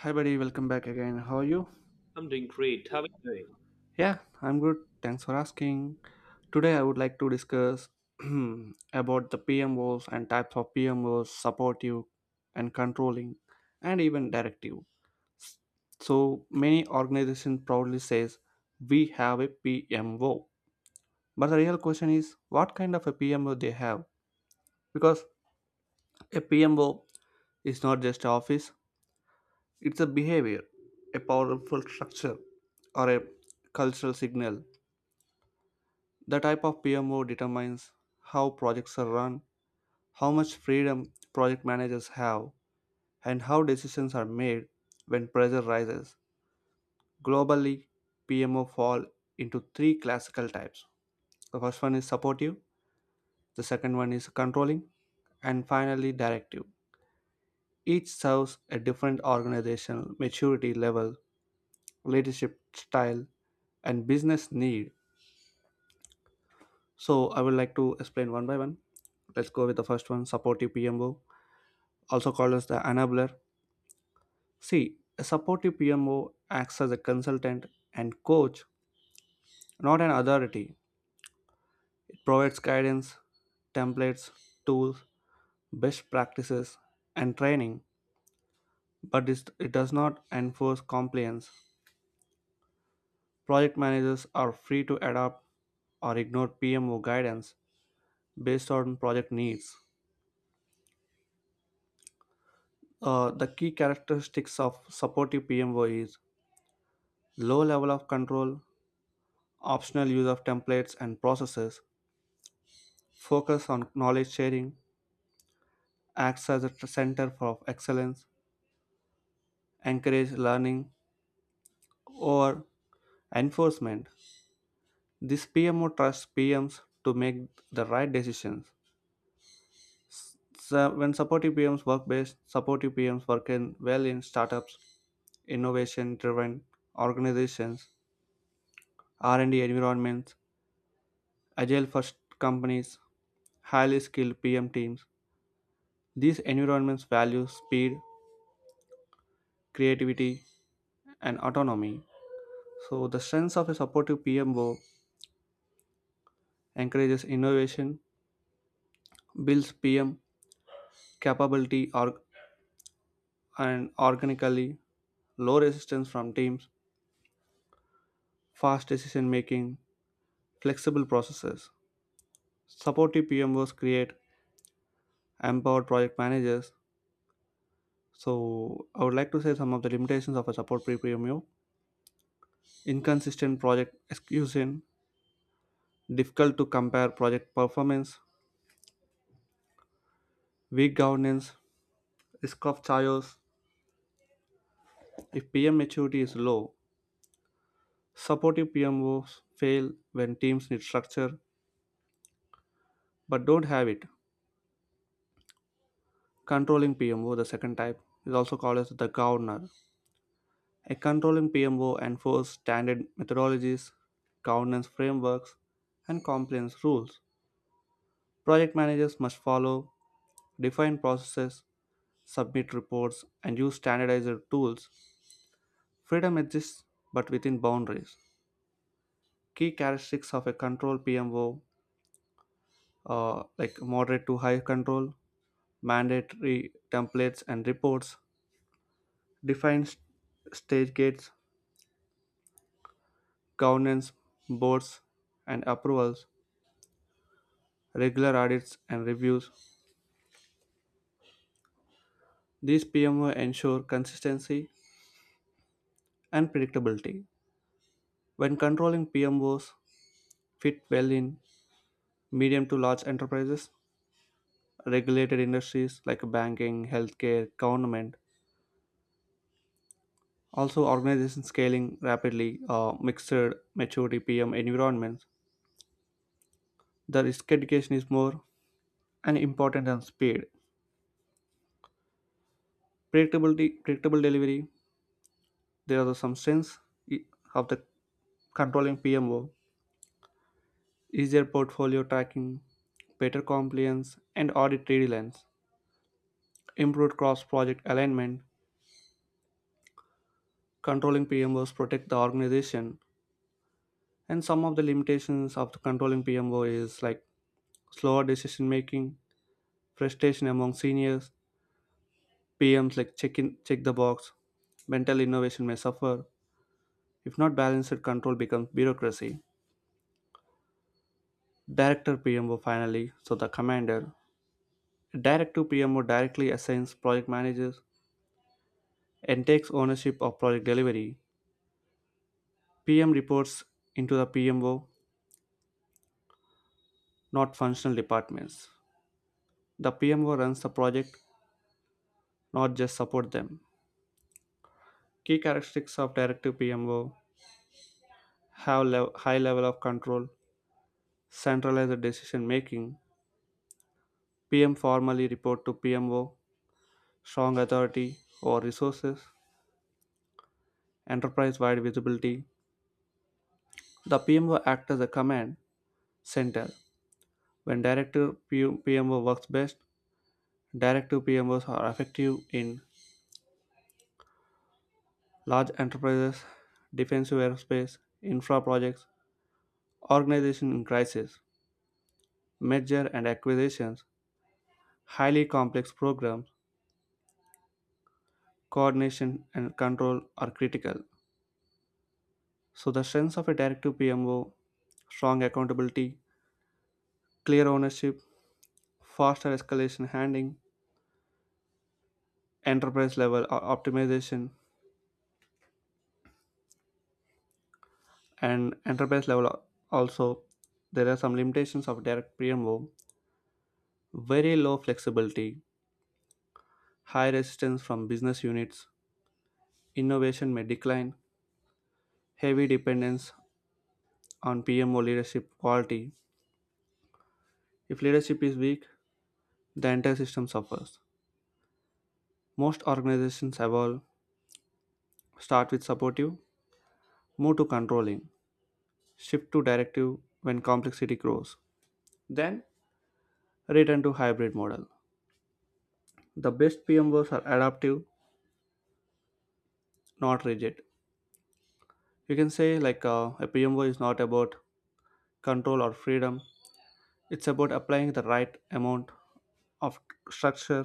Hi, buddy. Welcome back again. How are you? I'm doing great. How are you doing? Yeah, I'm good. Thanks for asking. Today, I would like to discuss about the PM roles and types of PM roles, supportive and controlling, and even directive. So many organizations proudly says we have a PMO, but the real question is what kind of a PMO they have? Because a PMO is not just a office; it's a behavior, a powerful structure, or a cultural signal. The type of PMO determines how projects are run, how much freedom project managers have, and how decisions are made when pressure rises. Globally, PMO fall into three classical types. The first one is supportive, the second one is controlling, and finally directive. Each serves a different organizational maturity level, leadership style, and business need. So I would like to explain one by one. Let's go with the first one, supportive PMO, also called as the enabler. See, a supportive PMO acts as a consultant and coach, not an authority. It provides guidance, templates, tools, best practices, and training, but it does not enforce compliance. Project managers are free to adopt or ignore PMO guidance based on project needs. The key characteristics of supportive PMO is low level of control, optional use of templates and processes, focus on knowledge sharing, acts as a center for excellence, encourage learning or enforcement. This PMO trusts PMs to make the right decisions. So when supportive PMs work best, supportive PMs work in well in startups, innovation-driven organizations, R&D environments, agile first companies, highly skilled PM teams. These environments value speed, creativity, and autonomy. So, the strengths of a supportive PMO: encourages innovation, builds PM capability or, and organically, low resistance from teams, fast decision making, flexible processes. Supportive PMOs create empowered project managers. So, I would like to say some of the limitations of a supportive PMO: inconsistent project execution, difficult to compare project performance, weak governance, risk of chaos. If PM maturity is low, supportive PMOs fail when teams need structure but don't have it. Controlling PMO, the second type, is also called as the governor. A controlling PMO enforces standard methodologies, governance frameworks, and compliance rules. Project managers must follow defined processes, submit reports, and use standardized tools. Freedom exists but within boundaries. Key characteristics of a control PMO are like moderate to high control, mandatory templates and reports, defines stage gates, governance, boards, and approvals, regular audits and reviews. These PMO ensure consistency and predictability. When controlling PMOs fit well in medium to large enterprises, regulated industries like banking, healthcare, government, also organizations scaling rapidly, mixed maturity PM environments, the risk education is more and important than speed. Predictability, predictable delivery, there are the substance i- of the controlling PMO: easier portfolio tracking, better compliance and audit deadlines, improved cross project alignment. Controlling PMOs protect the organization. And some of the limitations of the controlling PMO is like slower decision making, frustration among seniors, PMs like check in check the box, mental innovation may suffer. If not balanced, control becomes bureaucracy. Director PMO finally, so the commander. Direct PMO directly assigns project managers and takes ownership of project delivery. PM reports into the PMO, not functional departments. The PMO runs the project, not just support them. Key characteristics of directive PMO have high level of control, centralized decision making. PM formally report to PMO, strong authority or resources, enterprise wide visibility. The PMO acts as a command center. When direct to PMO works best, direct to PMOs are effective in large enterprises, defensive aerospace, infra projects, organization in crisis, merger and acquisitions, highly complex programs, coordination and control are critical. So the strengths of a direct to PMO: strong accountability, clear ownership, faster escalation handling, enterprise level optimization, and enterprise level. Also, there are some limitations of direct PMO: very low flexibility, high resistance from business units, innovation may decline, heavy dependence on PMO leadership quality. If leadership is weak, the entire system suffers. Most organizations evolve, start with supportive, move to controlling, shift to directive when complexity grows, then return to hybrid model. The best PMOs are adaptive, not rigid. You can say, like, a PMO is not about control or freedom, it's about applying the right amount of structure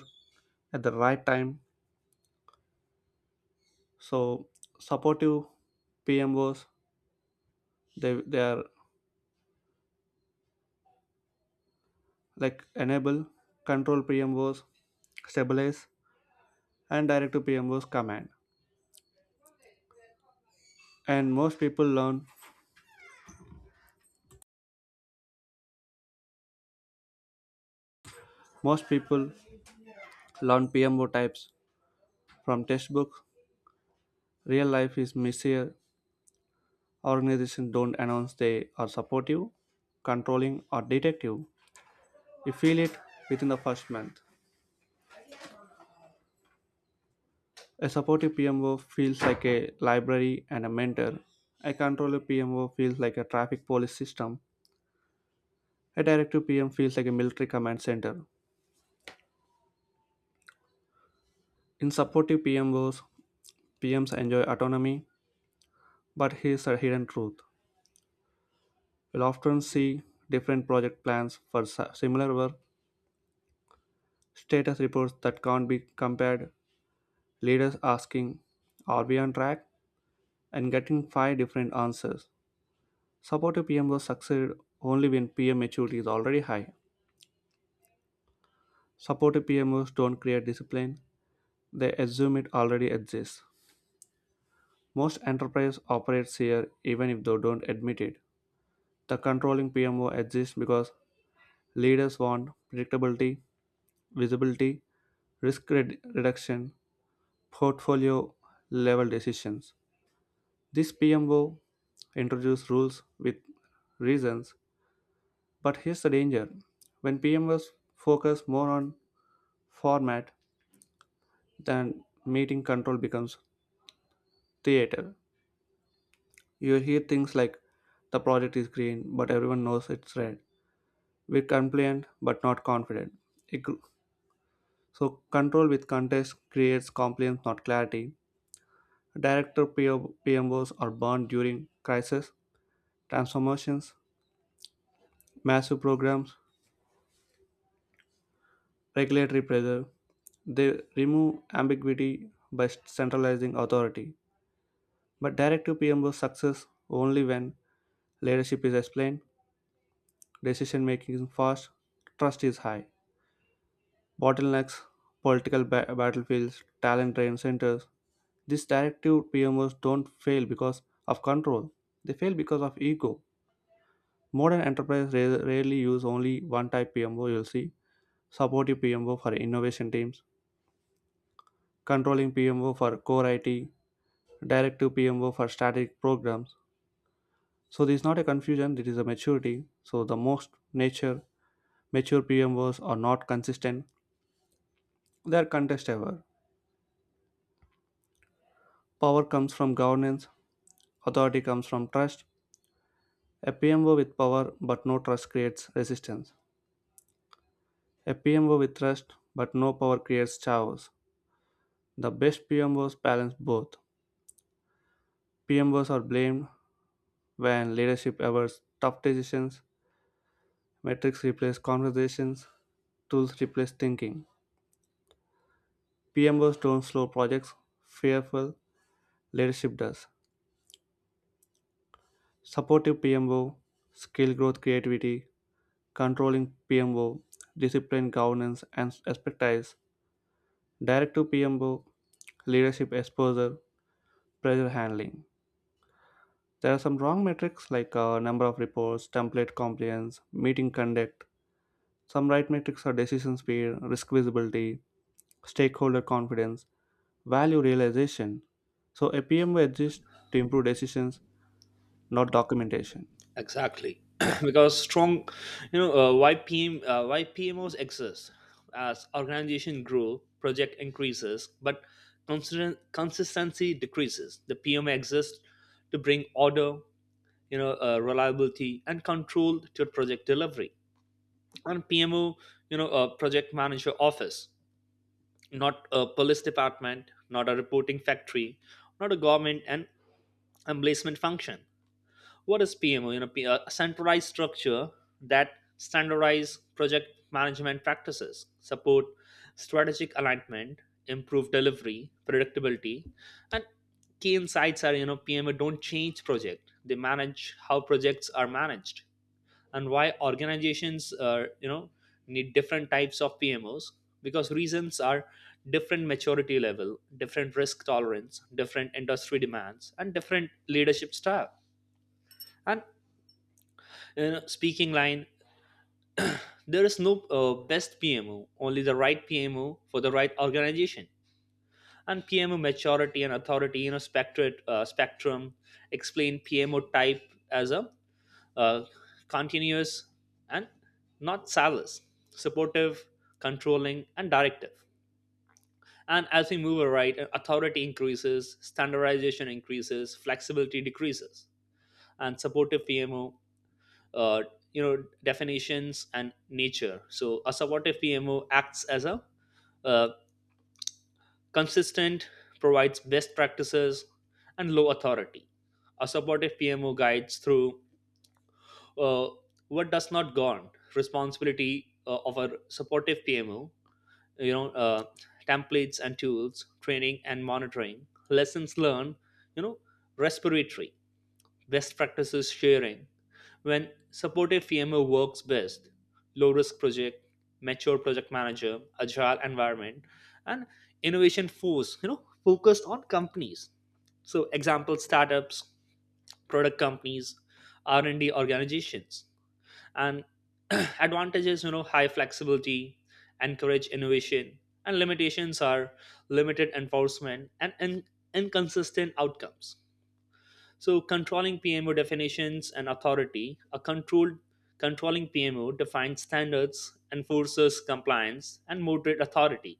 at the right time. So, supportive PMOs, they are like enable, control PMOs, stabilize, and direct to PMOs command. And most people learn PMO types from textbooks. Real life is messier. Organizations don't announce they are supportive, controlling, or detective. You feel it within the first month. A supportive PMO feels like a library and a mentor. A controller PMO feels like a traffic police system. A directive PM feels like a military command center. In supportive PMOs, PMs enjoy autonomy, but here's a hidden truth. You'll often see different project plans for similar work, status reports that can't be compared, leaders asking, "Are we on track?" and getting five different answers. Supportive PMOs succeed only when PM maturity is already high. Supportive PMOs don't create discipline, they assume it already exists. Most enterprises operate here even if they don't admit it. The controlling PMO exists because leaders want predictability, visibility, risk reduction, portfolio level decisions. This PMO introduces rules with reasons, but here's the danger. When PMOs focus more on format then meeting, control becomes theater. You hear things like the project is green, but everyone knows it's red. We're compliant, but not confident. It gr- so, control with context creates compliance, not clarity. Director PO PMOs are burned during crisis, transformations, massive programs, regulatory pressure. They remove ambiguity by centralizing authority. But director PMOs success only when leadership is explained. Decision making is fast, trust is high. Bottlenecks, political battlefields, talent drain centers. These directive PMOs don't fail because of control, they fail because of ego. Modern enterprises rarely use only one type PMO, you'll see supportive PMO for innovation teams, controlling PMO for core IT, directive PMO for strategic programs. So this is not a confusion, it is a maturity. So the most nature mature PMOs are not consistent, they are contest ever. Power comes from governance, authority comes from trust. A PMO with power but no trust creates resistance. A PMO with trust but no power creates chaos. The best PMOs balance both. PMOs are blamed when leadership avoids tough decisions, metrics replace conversations, tools replace thinking. PMOs don't slow projects, fearful leadership does. Supportive PMO, skill growth, creativity; controlling PMO, discipline, governance, and expertise; direct to PMBO, leadership exposure, pressure handling. There are some wrong metrics like number of reports, template compliance, meeting conduct. Some right metrics are decision speed, risk visibility, stakeholder confidence, value realization. So a PMO exists to improve decisions, not documentation. Exactly, Yeah. because strong, YPM, YPMOs exist as organization grow, project increases, but consistency decreases. The PM exists to bring order, reliability and control to project delivery. And PMO, a project manager office, not a police department, not a reporting factory, not a government and emplacement function. What is PMO? A centralized structure that standardize project management practices, support strategic alignment, improve delivery, predictability, and key insights are PMO don't change project; they manage how projects are managed, and why organizations are need different types of PMOs because reasons are different maturity level, different risk tolerance, different industry demands, and different leadership style. And you speaking line, there is no best PMO, only the right PMO for the right organization. And PMO maturity and authority, spectrum explain PMO type as a uh, continuous and not salus, supportive, controlling, and directive. And as we move right, authority increases, standardization increases, flexibility decreases, and supportive PMO, uh, definitions and nature. So a supportive PMO acts as a uh, consistent, provides best practices and low authority. A supportive PMO guides through, uh, what does not gone. Responsibility of a supportive PMO, you know uh, templates and tools, training and monitoring, lessons learned, you know respiratory, best practices sharing. When supportive PMO works best, low risk project, mature project manager, agile environment, and innovation force, focused on companies. So example, startups, product companies, R&D organizations. And advantages, high flexibility, encourage innovation, and limitations are limited enforcement and inconsistent outcomes. So, controlling PMO definitions and authority. A controlled controlling PMO defines standards, enforces compliance, and moderate authority.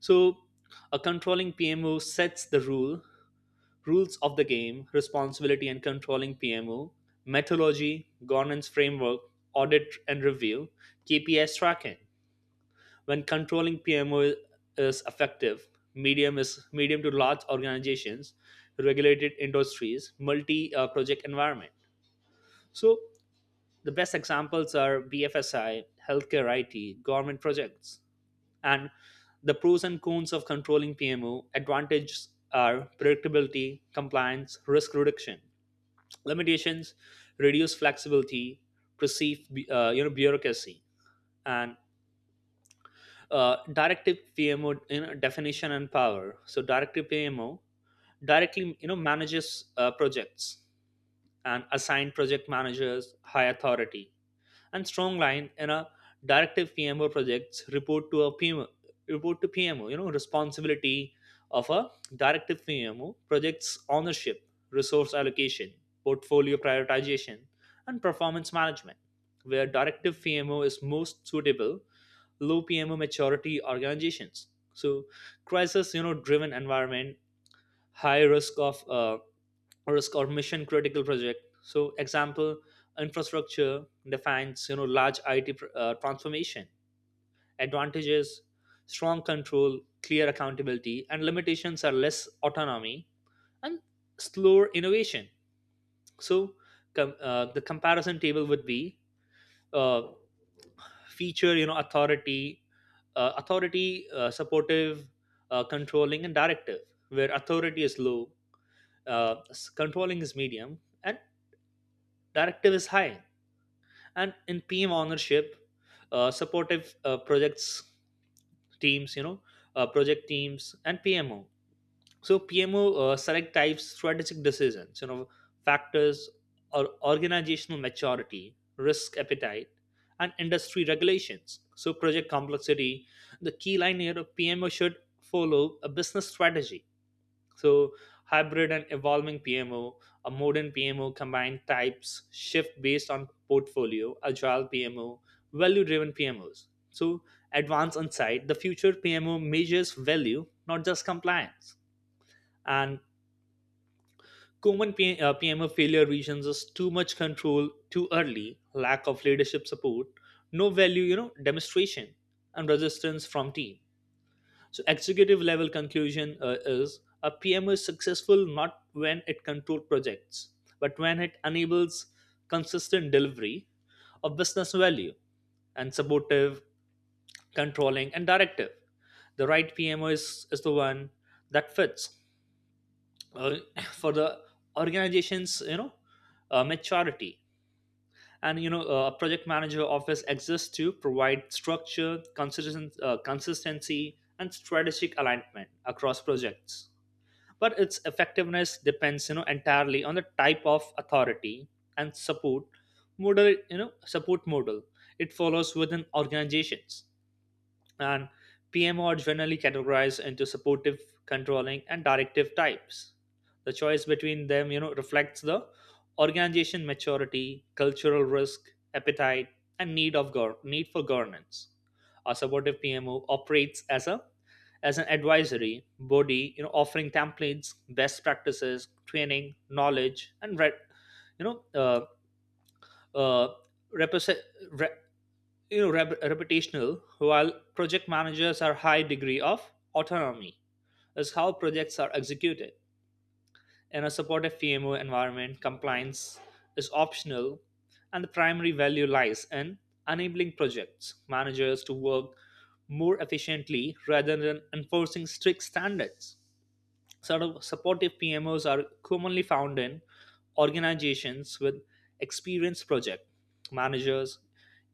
So a controlling PMO sets rules of the game. Responsibility and controlling PMO, methodology, governance framework, audit and review, KPIs tracking. When controlling PMO is effective, medium to large organizations, regulated industries, multi project environment. So the best examples are BFSI, healthcare IT, government projects, and the pros and cons of controlling PMO. Advantages are predictability, compliance, risk reduction. Limitations: reduce flexibility, perceive bureaucracy, and directive PMO, definition and power. So directive PMO directly manages projects and assign project managers high authority and strong line. In a directive PMO, projects report to a PMO report to PMO. You know, responsibility of a directive PMO, projects ownership, resource allocation, portfolio prioritization, and performance management. Where directive PMO is most suitable, low PMO maturity organizations. So, crisis, driven environment, high risk of risk or mission critical project. So example, infrastructure, defines large IT transformation. Advantages, strong control, clear accountability, and limitations are less autonomy and slower innovation. So the comparison table would be, uh, feature, authority, supportive, controlling, and directive, where authority is low, controlling is medium, and directive is high. And in PM ownership, supportive, teams you know project teams and PMO. So PMO, select types, strategic decisions, factors, or organizational maturity, risk appetite, and industry regulations, so project complexity. The key line here of PMO should follow a business strategy. So, hybrid and evolving PMO, a modern PMO combined types, shift based on portfolio, agile PMO, value driven PMOs. So, advanced insight, the future PMO measures value, not just compliance. And common PMO failure reasons is too much control too early, lack of leadership support, no value, demonstration, and resistance from team. So, executive level conclusion is, a PMO is successful not when it controls projects, but when it enables consistent delivery of business value, and supportive, controlling, and directive. The right PMO is the one that fits uh, for the organization's maturity. And a project manager office exists to provide structure, consistency, and strategic alignment across projects, but its effectiveness depends entirely on the type of authority and support model it follows within organizations. And PMO are generally categorized into supportive, controlling, and directive types. The choice between them reflects the organization maturity, cultural risk appetite, and need for governance. A supportive PMO operates as a as an advisory body, offering templates, best practices, training, knowledge, and re- you know uh, repos- re- you know rep- reputational, while project managers are high degree of autonomy is how projects are executed. In a supportive PMO environment, compliance is optional, and the primary value lies in enabling projects managers to work more efficiently rather than enforcing strict standards. Sort of supportive PMOs are commonly found in organizations with experienced project managers,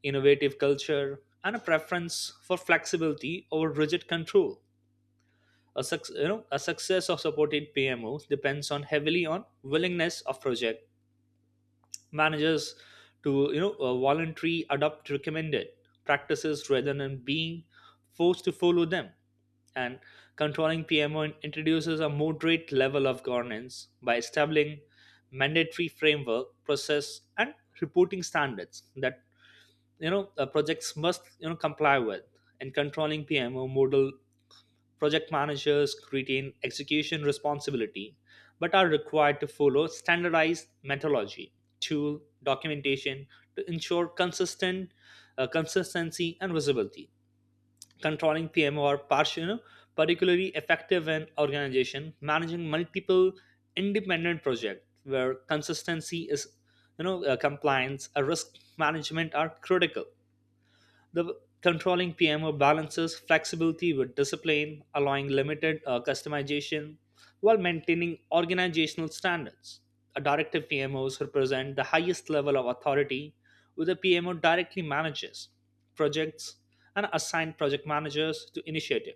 innovative culture, and a preference for flexibility over rigid control. A success of supported PMOs depends on heavily on willingness of project managers to voluntarily adopt recommended practices rather than being forced to follow them. And controlling PMO introduces a moderate level of governance by establishing mandatory framework, process, and reporting standards that projects must comply with. And controlling PMO model, project managers retain execution responsibility but are required to follow standardized methodology, tool, documentation to ensure consistent consistency and visibility. Controlling PMO are particularly effective in organization managing multiple independent projects where consistency is you know compliance and risk management are critical. The controlling PMO balances flexibility with discipline, allowing limited customization while maintaining organizational standards. A directive PMOs represent the highest level of authority, where the PMO directly manages projects and assign project managers to initiative.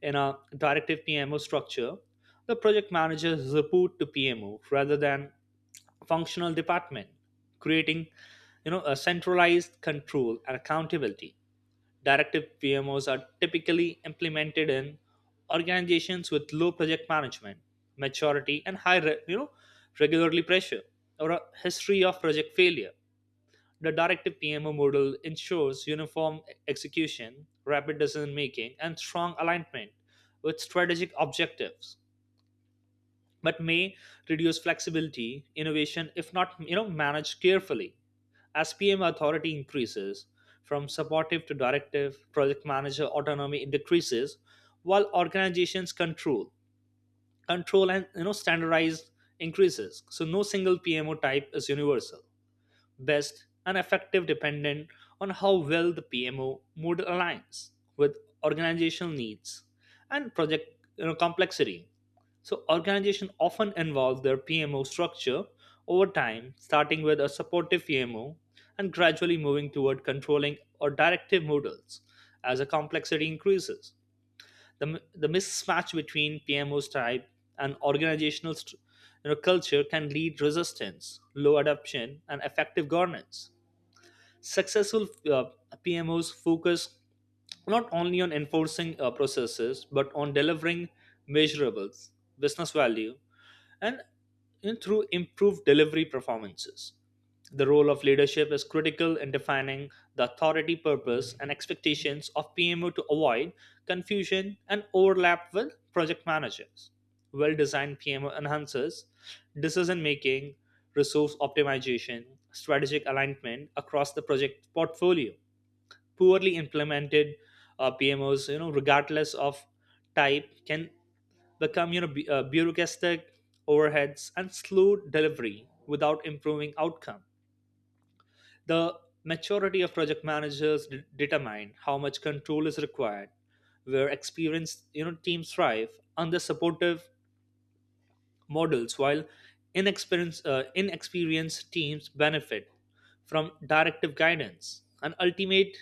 In a directive PMO structure, the project managers report to PMO rather than functional department, creating a centralized control and accountability. Directive PMOs are typically implemented in organizations with low project management maturity and high regularly pressure or a history of project failure. The directive PMO model ensures uniform execution, rapid decision making, and strong alignment with strategic objectives, but may reduce flexibility innovation if not managed carefully. As PM authority increases from supportive to directive, project manager autonomy decreases while organizations control and standardized increases. So no single PMO type is universal best, and effective dependent on how well the PMO model aligns with organizational needs and project, complexity. So organizations often involve their PMO structure over time, starting with a supportive PMO and gradually moving toward controlling or directive models as the complexity increases. The the mismatch between PMO's type and organizational culture can lead resistance, low adoption, and effective governance. Successful PMOs focus not only on enforcing processes but on delivering measurables, business value, and through improved delivery performances. The role of leadership is critical in defining the authority purpose and expectations of PMO to avoid confusion and overlap with project managers. Well designed PMO enhances decision making, resource optimization, strategic alignment across the project portfolio. Poorly implemented PMOs, regardless of type, can become bureaucratic overheads and slow delivery without improving outcome. The maturity of project managers determine how much control is required, where experienced teams thrive under supportive models while inexperienced teams benefit from directive guidance. An ultimate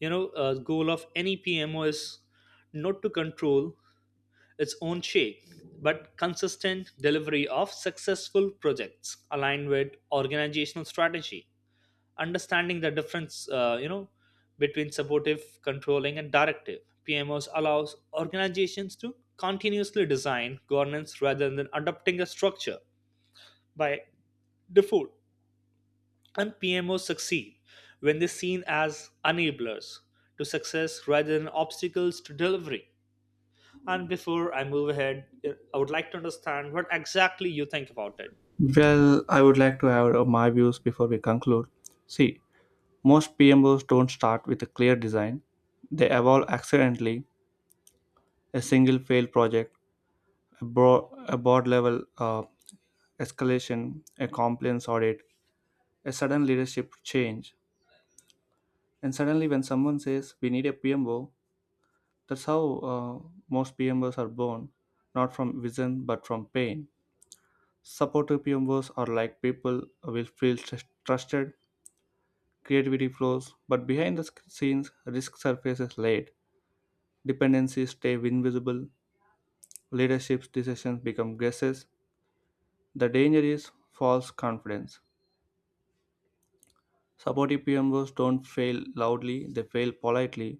goal of any PMO is not to control its own shake, but consistent delivery of successful projects aligned with organizational strategy. Understanding the difference, between supportive, controlling, and directive PMOs allows organizations to continuously design governance rather than adopting a structure by default. And PMOs succeed when they're seen as enablers to success rather than obstacles to delivery. And before I move ahead, I would like to understand what exactly you think about it. Well, I would like to add my views before we conclude. See, most PMOs don't start with a clear design. They evolve accidentally. A single failed project, a board level escalation, a compliance audit, a sudden leadership change. And suddenly, when someone says we need a PMO, that's how most PMOs are born, not from vision but from pain. Supportive PMOs are like people will feel trusted, creativity flows, but behind the scenes, risk surfaces late. Dependencies stay invisible, leadership decisions become guesses. The danger is false confidence. Supportive PMOs don't fail loudly, they fail politely.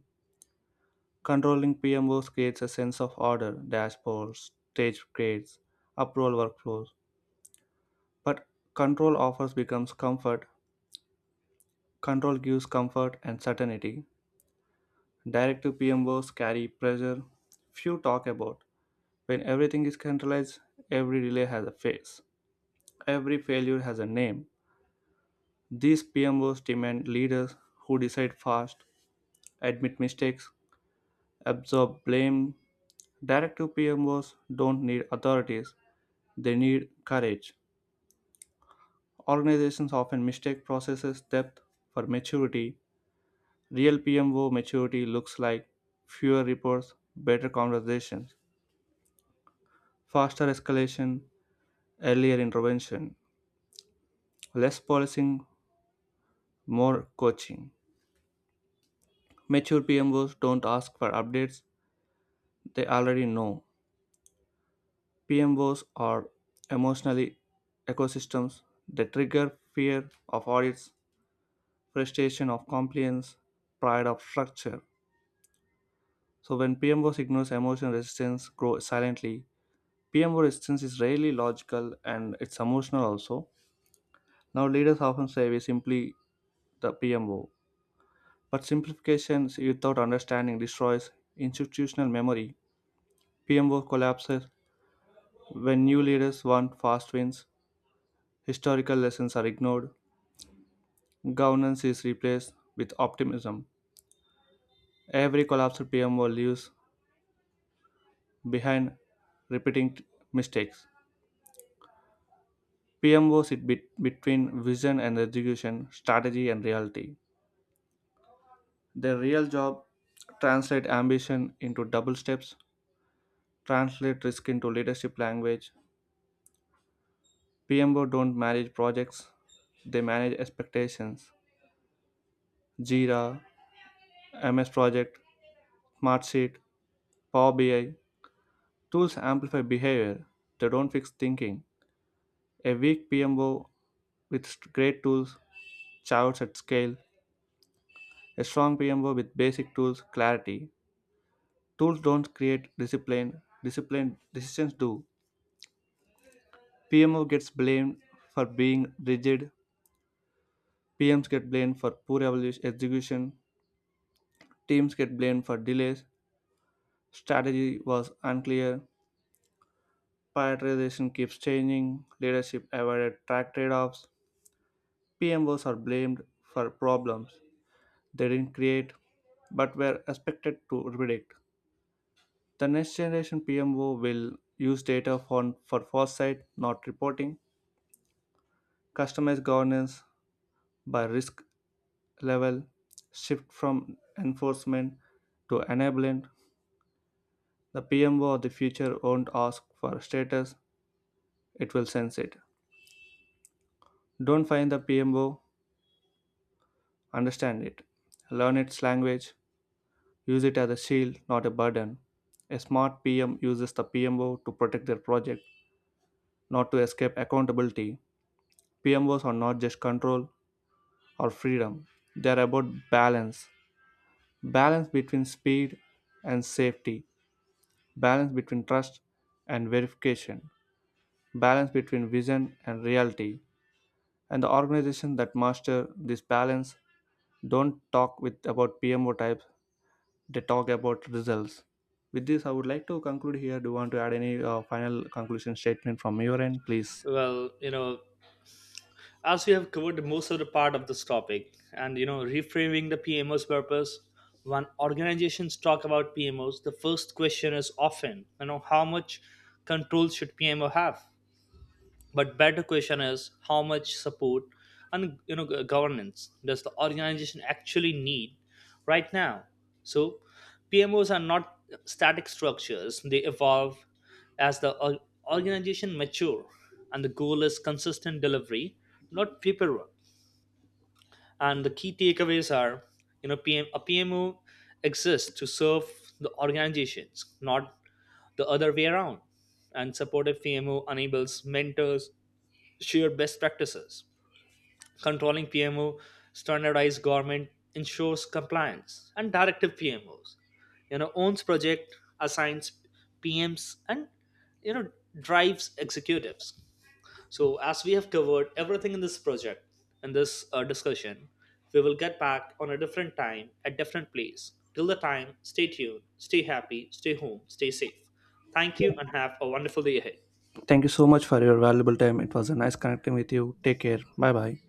Controlling PMOs creates a sense of order, dashboards, stage grades, approval workflows. But control offers becomes comfort, control gives comfort and certainty. Directive PMOs carry pressure few talk about. When everything is centralized, every delay has a face, every failure has a name. These PMOs demand leaders who decide fast, admit mistakes, absorb blame. Directive PMOs don't need authorities, they need courage. Organizations often mistake processes depth for maturity. Real PMO maturity looks like fewer reports, better conversations, faster escalation, earlier intervention, less policing, more coaching. Mature PMOs don't ask for updates, they already know. PMOs are emotionally ecosystems, they trigger fear of audits, frustration of compliance, pride of structure. So when PMO signals emotional resistance grow silently, PMO resistance is rarely logical and it's emotional also. Now leaders often say we simply the PMO, but simplification without understanding destroys institutional memory. PMO collapses when new leaders want fast wins, historical lessons are ignored, governance is replaced with optimism. Every collapsed PMO leaves behind repeating mistakes. PMO sit between vision and execution, strategy and reality. Their real job: translate ambition into double steps, translate risk into leadership language. PMO don't manage projects, they manage expectations. Jira, MS Project, Smartsheet, Power BI tools amplify behavior. They don't fix thinking. A weak PMO with great tools, charts at scale. A strong PMO with basic tools, clarity. Tools don't create discipline, discipline decisions do. PMO gets blamed for being rigid, PMs get blamed for poor execution, teams get blamed for delays, strategy was unclear, prioritization keeps changing, leadership avoided track trade offs. PMOs are blamed for problems they didn't create but were expected to predict. The next generation PMO will use data for foresight, not reporting, customized governance by risk level, shift from enforcement to enablement. The PMO of the future won't ask for status, it will sense it. Don't find the PMO, understand it. Learn its language, use it as a shield, not a burden. A smart PM uses the PMO to protect their project, not to escape accountability. PMOs are not just control, or freedom. They're about balance: balance between speed and safety, balance between trust and verification, balance between vision and reality. And the organizations that master this balance don't talk with about PMO types, they talk about results. With this, I would like to conclude here. Do you want to add any final conclusion statement from your end, please? Well, as we have covered most of the part of this topic, and reframing the PMO's purpose, when organizations talk about PMOs, the first question is often, how much control should PMO have? But better question is how much support and governance does the organization actually need right now. So PMOs are not static structures, they evolve as the organization mature, and the goal is consistent delivery, not paperwork. And the key takeaways are, a PMO exists to serve the organizations, not the other way around. And supportive PMO enables mentors, share best practices. Controlling PMO, standardized government, ensures compliance, and directive PMOs, owns project, assigns PMs, and you know drives executives. So as we have covered everything in this project in this discussion, we will get back on a different time at different place. Till the time, stay tuned, stay happy, stay home, stay safe. Thank you, and have a wonderful day ahead. Thank you so much for your valuable time. It was a nice connecting with you. Take care. Bye bye.